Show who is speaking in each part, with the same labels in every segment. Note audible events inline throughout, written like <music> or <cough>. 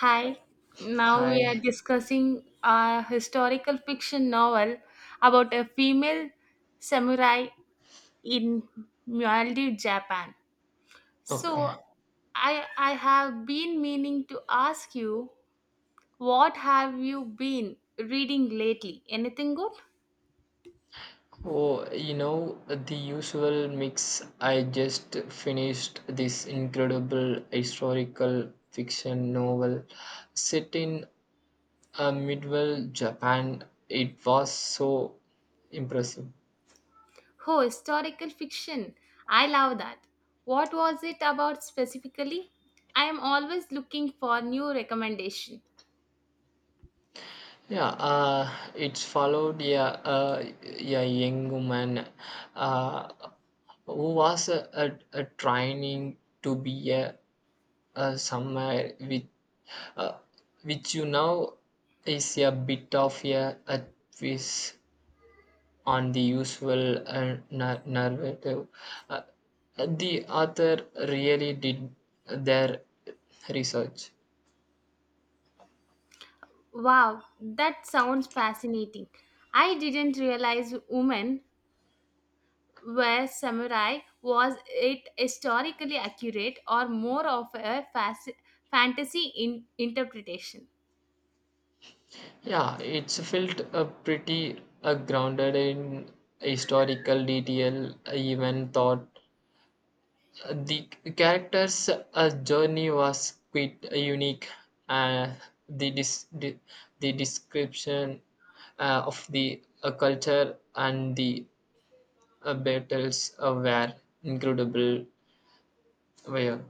Speaker 1: Hi. Now
Speaker 2: Hi.
Speaker 1: we are discussing a historical fiction novel about a female samurai in Maldives, Japan. So
Speaker 2: Okay.
Speaker 1: I have been meaning to ask you, what have you been reading lately? Anything good?
Speaker 2: Oh, the usual mix. I just finished this incredible historical fiction novel set in medieval Japan. It was so impressive.
Speaker 1: Oh, historical fiction. I love that. What was it about specifically? I am always looking for new recommendation.
Speaker 2: Yeah, it followed a young woman uh, who was a training to be a somewhere with uh, which is a bit of a twist on the usual narrative. Uh, the author really did their research.
Speaker 1: Wow, that sounds fascinating. I didn't realize women were samurai. Was it historically accurate or more of a fantasy interpretation?
Speaker 2: Yeah, it's felt pretty grounded in historical detail, even thought. The character's journey was quite unique. Uh, the, dis- the the description of the culture and the battles were incredible. Well.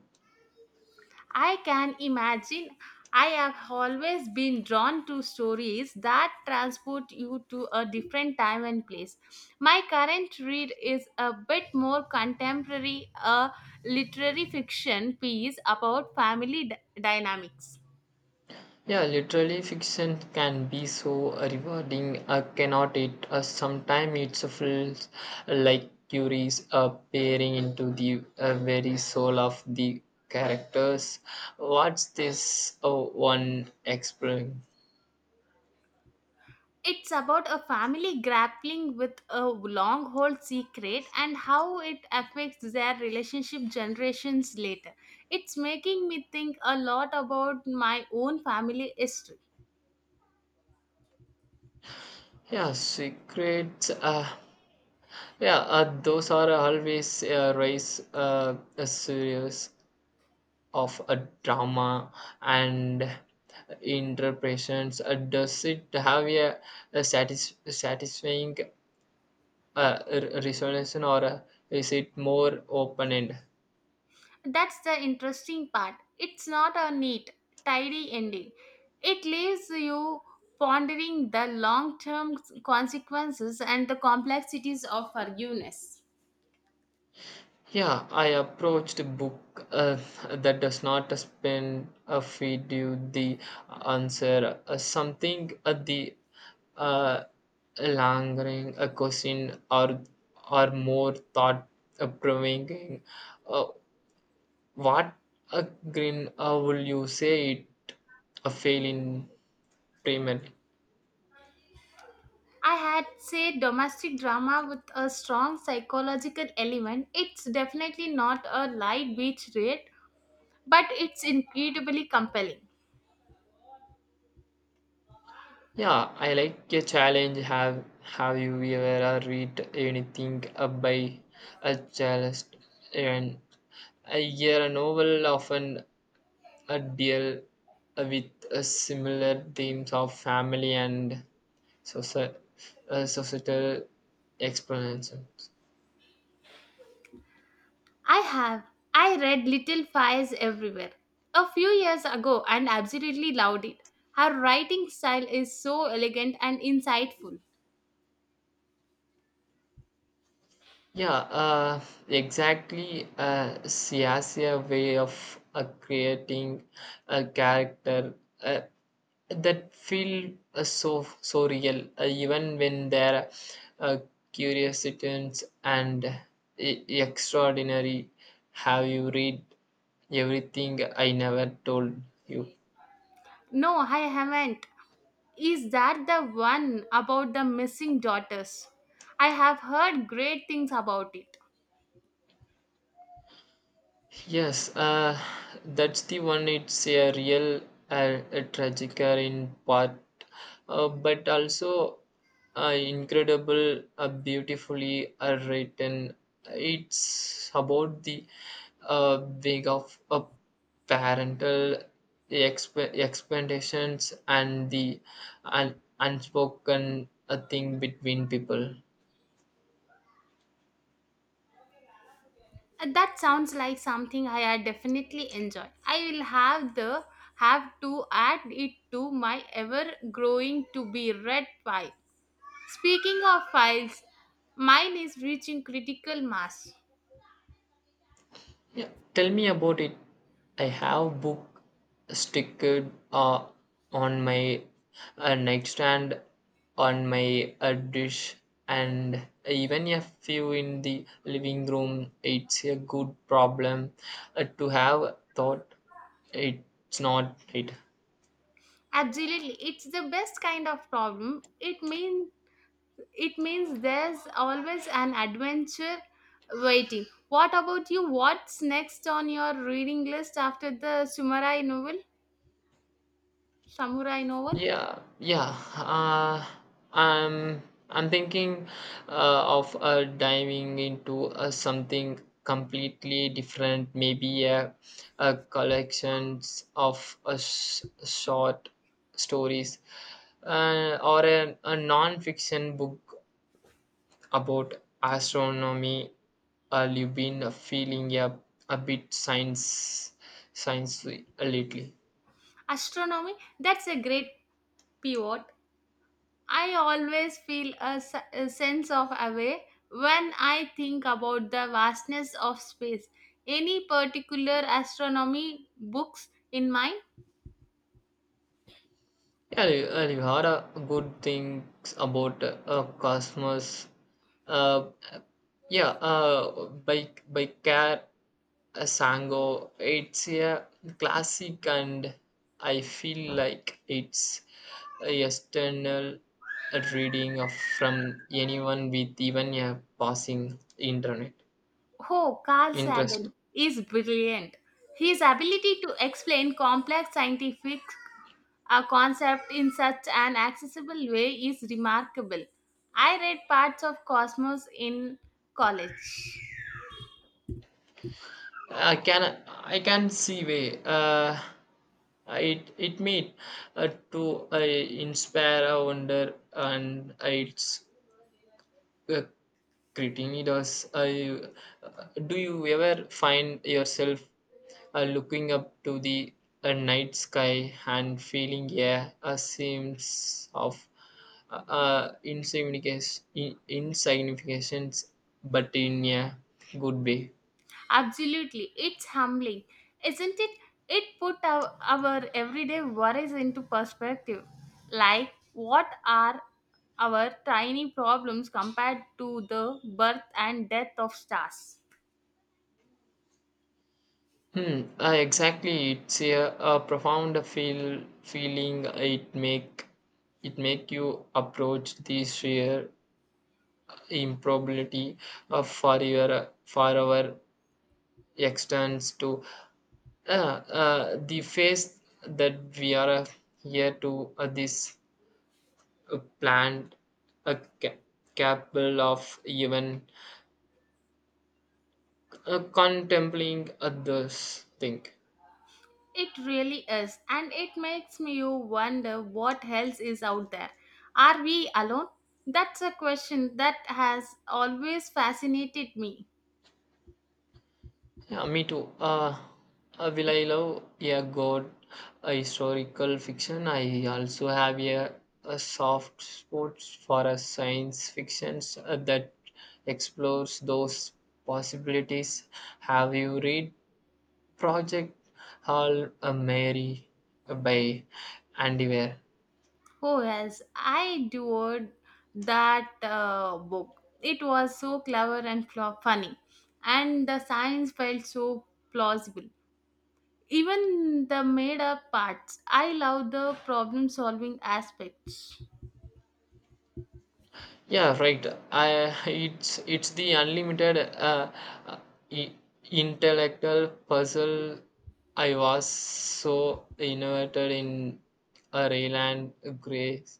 Speaker 1: I can imagine. I have always been drawn to stories that transport you to a different time and place. My current read is a bit more contemporary, a literary fiction piece about family dynamics.
Speaker 2: Yeah, literally fiction can be so rewarding, cannot it? Sometimes it feels like Curie's peering into the very soul of the characters. What's this one exploring?
Speaker 1: It's about a family grappling with a long held secret and how it affects their relationship generations later. It's making me think a lot about my own family history.
Speaker 2: Yeah, secrets. Yeah, those are always raise serious of a drama and interpretations? Does it have a satisfying resonance, or is it more open ended?
Speaker 1: That's the interesting part. It's not a neat, tidy ending. It leaves you pondering the long term consequences and the complexities of forgiveness.
Speaker 2: Yeah, I approached a book that does not spin a feed you the answer. Something the uh, lingering a question or more thought provoking. Uh, What a grin will you say it a fail in payment?
Speaker 1: I had say domestic drama with a strong psychological element. It's definitely not a light beach read, but it's incredibly compelling.
Speaker 2: Yeah, I like a challenge. Have you ever read anything by a journalist? And I hear a novel often a deal with a similar themes of family and socie- societal experiences.
Speaker 1: I have. I read Little Fires Everywhere a few years ago and absolutely loved it. Her writing style is so elegant and insightful.
Speaker 2: Yeah, exactly. Siasia way of creating a character uh, that feel so real, even when they're their uh, curiosities and extraordinary. Have you read Everything I Never Told You?
Speaker 1: No, I haven't. Is that the one about the missing daughters? I have heard great things about it.
Speaker 2: Yes, that's the one. It's a real a tragic in part, but also incredible, beautifully written. It's about the being of a parental expectations and the unspoken thing between people.
Speaker 1: That sounds like something I had definitely enjoy. I will have to add it to my ever growing to be read pile. Speaking of files, mine is reaching critical mass.
Speaker 2: Yeah, tell me about it. I have book stickered on my nightstand, on my dish, and even a few in the living room. It's a good problem to have thought. It's not it.
Speaker 1: Absolutely, it's the best kind of problem. It means there's always an adventure waiting. What about you? What's next on your reading list after the samurai novel? Samurai novel?
Speaker 2: Yeah, yeah. Uh, I'm I'm thinking of diving into something completely different. Maybe a collections of short stories, or a non-fiction book about astronomy. You've been feeling a bit science lately.
Speaker 1: Astronomy? That's a great pivot. I always feel a, a sense of awe when I think about the vastness of space. Any particular astronomy books in mind?
Speaker 2: Yeah, well, you heard good things about Cosmos. Uh, yeah, by Care Sango. It's a classic, and I feel like it's a external reading of from anyone with even a passing internet
Speaker 1: Oh, Carl
Speaker 2: interest.
Speaker 1: Sagan is brilliant. His ability to explain complex scientific a concept in such an accessible way is remarkable. I read parts of Cosmos in college.
Speaker 2: I can I can see way. It mean to inspire a wonder, and it's uh, creating us. Do you ever find yourself looking up to the night sky and feeling, yeah, a sense of insignificance, but in a good way?
Speaker 1: Absolutely, it's humbling, isn't it? It put our everyday worries into perspective. Like, what are our tiny problems compared to the birth and death of stars?
Speaker 2: Hmm. Exactly. It's a profound feeling. It make you approach the sheer improbability of for our extents to uh, the face that we are here to this planned a ca- capable of even contemplating others think.
Speaker 1: It really is, and it makes me you wonder what else is out there. Are we alone? That's a question that has always fascinated me.
Speaker 2: Yeah, me too. Will I love a god, a historical fiction? I also have a soft spot for a science fiction that explores those possibilities. Have you read Project Hall Mary by Andy Weir?
Speaker 1: Oh yes, I adored that book. It was so clever and funny, and the science felt so plausible. Even the made-up parts, I love the problem-solving aspects.
Speaker 2: Yeah, right. I <laughs> it's the unlimited uh, i- intellectual puzzle I was so innovated in a Rayland Grace.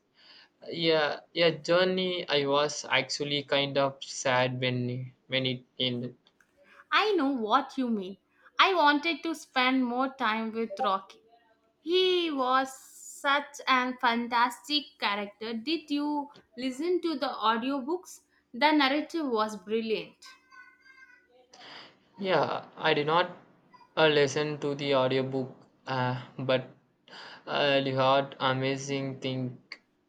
Speaker 2: Yeah, yeah, journey. I was actually kind of sad when it ended.
Speaker 1: I know what you mean. I wanted to spend more time with Rocky. He was such a fantastic character. Did you listen to the audiobooks? The narrative was brilliant.
Speaker 2: Yeah, I did not listen to the audiobook, but you heard amazing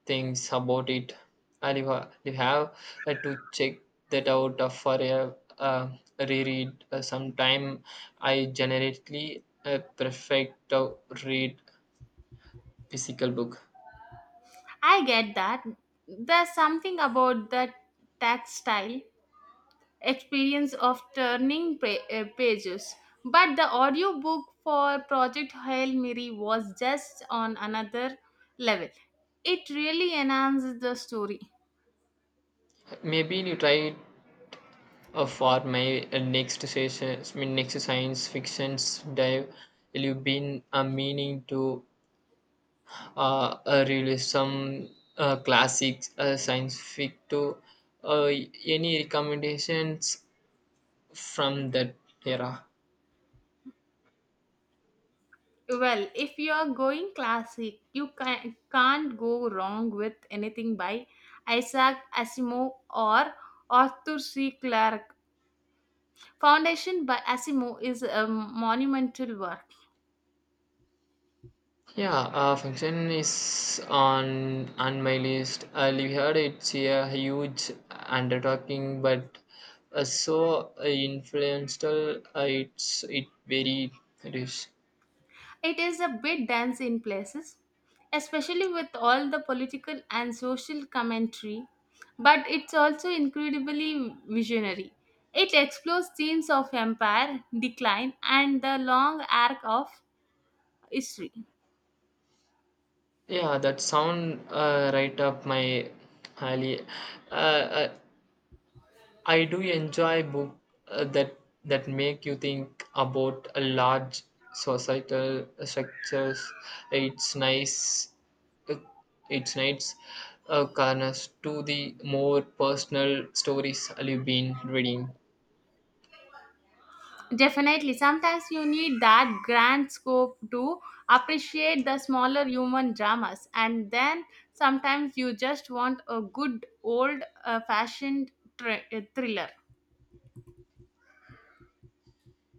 Speaker 2: things about it. And you have to check that out for a reread. Sometime I generally prefer to read physical book.
Speaker 1: I get that. There's something about the tactile experience of turning pages. But the audiobook for Project Hail Mary was just on another level. It really enhances the story.
Speaker 2: Maybe you try it for my next session, I mean, next science fictions dive. You've been meaning to realism, classics, science fiction. To uh, any recommendations from that era?
Speaker 1: Well, if you are going classic, you can't go wrong with anything by Isaac Asimov or Arthur C. Clarke. Foundation by Asimov is a monumental work.
Speaker 2: Yeah, function is on my list. I heard it's a huge undertaking, but so influential. It's it very rich.
Speaker 1: It is a bit dense in places, especially with all the political and social commentary, but it's also incredibly visionary. It explores themes of empire, decline, and the long arc of history.
Speaker 2: Yeah, that sound right up my alley. Uh, uh, I do enjoy book uh, that that make you think about a large societal structures. It's nice. uh, It's nice. Corners to the more personal stories I've been reading.
Speaker 1: Definitely, sometimes you need that grand scope to appreciate the smaller human dramas, and then sometimes you just want a good old fashioned thriller.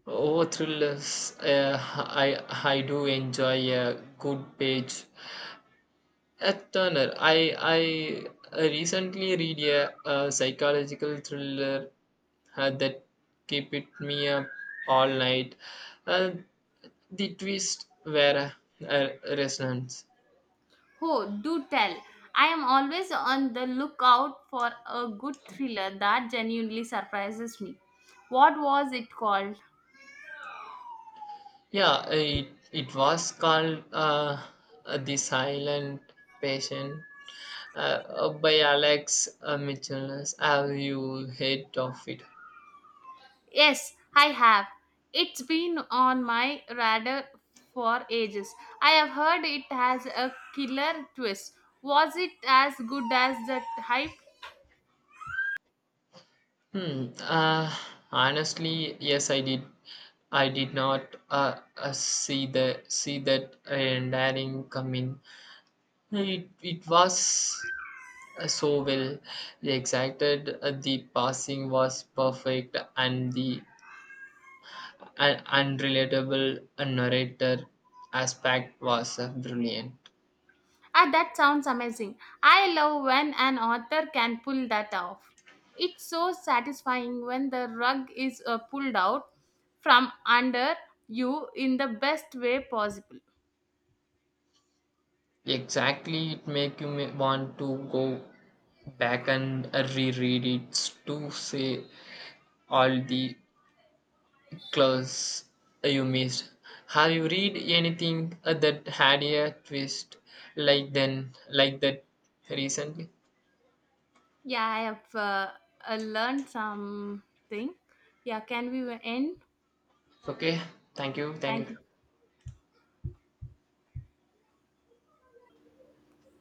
Speaker 2: Oh, thrillers! I I do enjoy a good page. A Turner. I recently read a psychological thriller that keep it me up all night. Uh, the twist were uh, uh, resonance.
Speaker 1: Oh, do tell. I am always on the lookout for a good thriller that genuinely surprises me. What was it called?
Speaker 2: Yeah, it was called The Silent Patient by Alex Michelis. Have you heard of it?
Speaker 1: Yes, I have. It's been on my radar for ages. I have heard it has a killer twist. Was it as good as the hype?
Speaker 2: Hmm. Honestly, yes, I did. I did not see that daring come in. It was so well they exacted, the passing was perfect, and the unrelatable narrator aspect was brilliant.
Speaker 1: Ah, that sounds amazing. I love when an author can pull that off. It's so satisfying when the rug is pulled out from under you in the best way possible.
Speaker 2: Exactly, it make you want to go back and reread it to say all the clues you missed. Have you read anything that had a twist like that recently?
Speaker 1: Yeah, I have learned something. Yeah, can we end?
Speaker 2: Okay, thank you. Thank you.
Speaker 1: Thank you.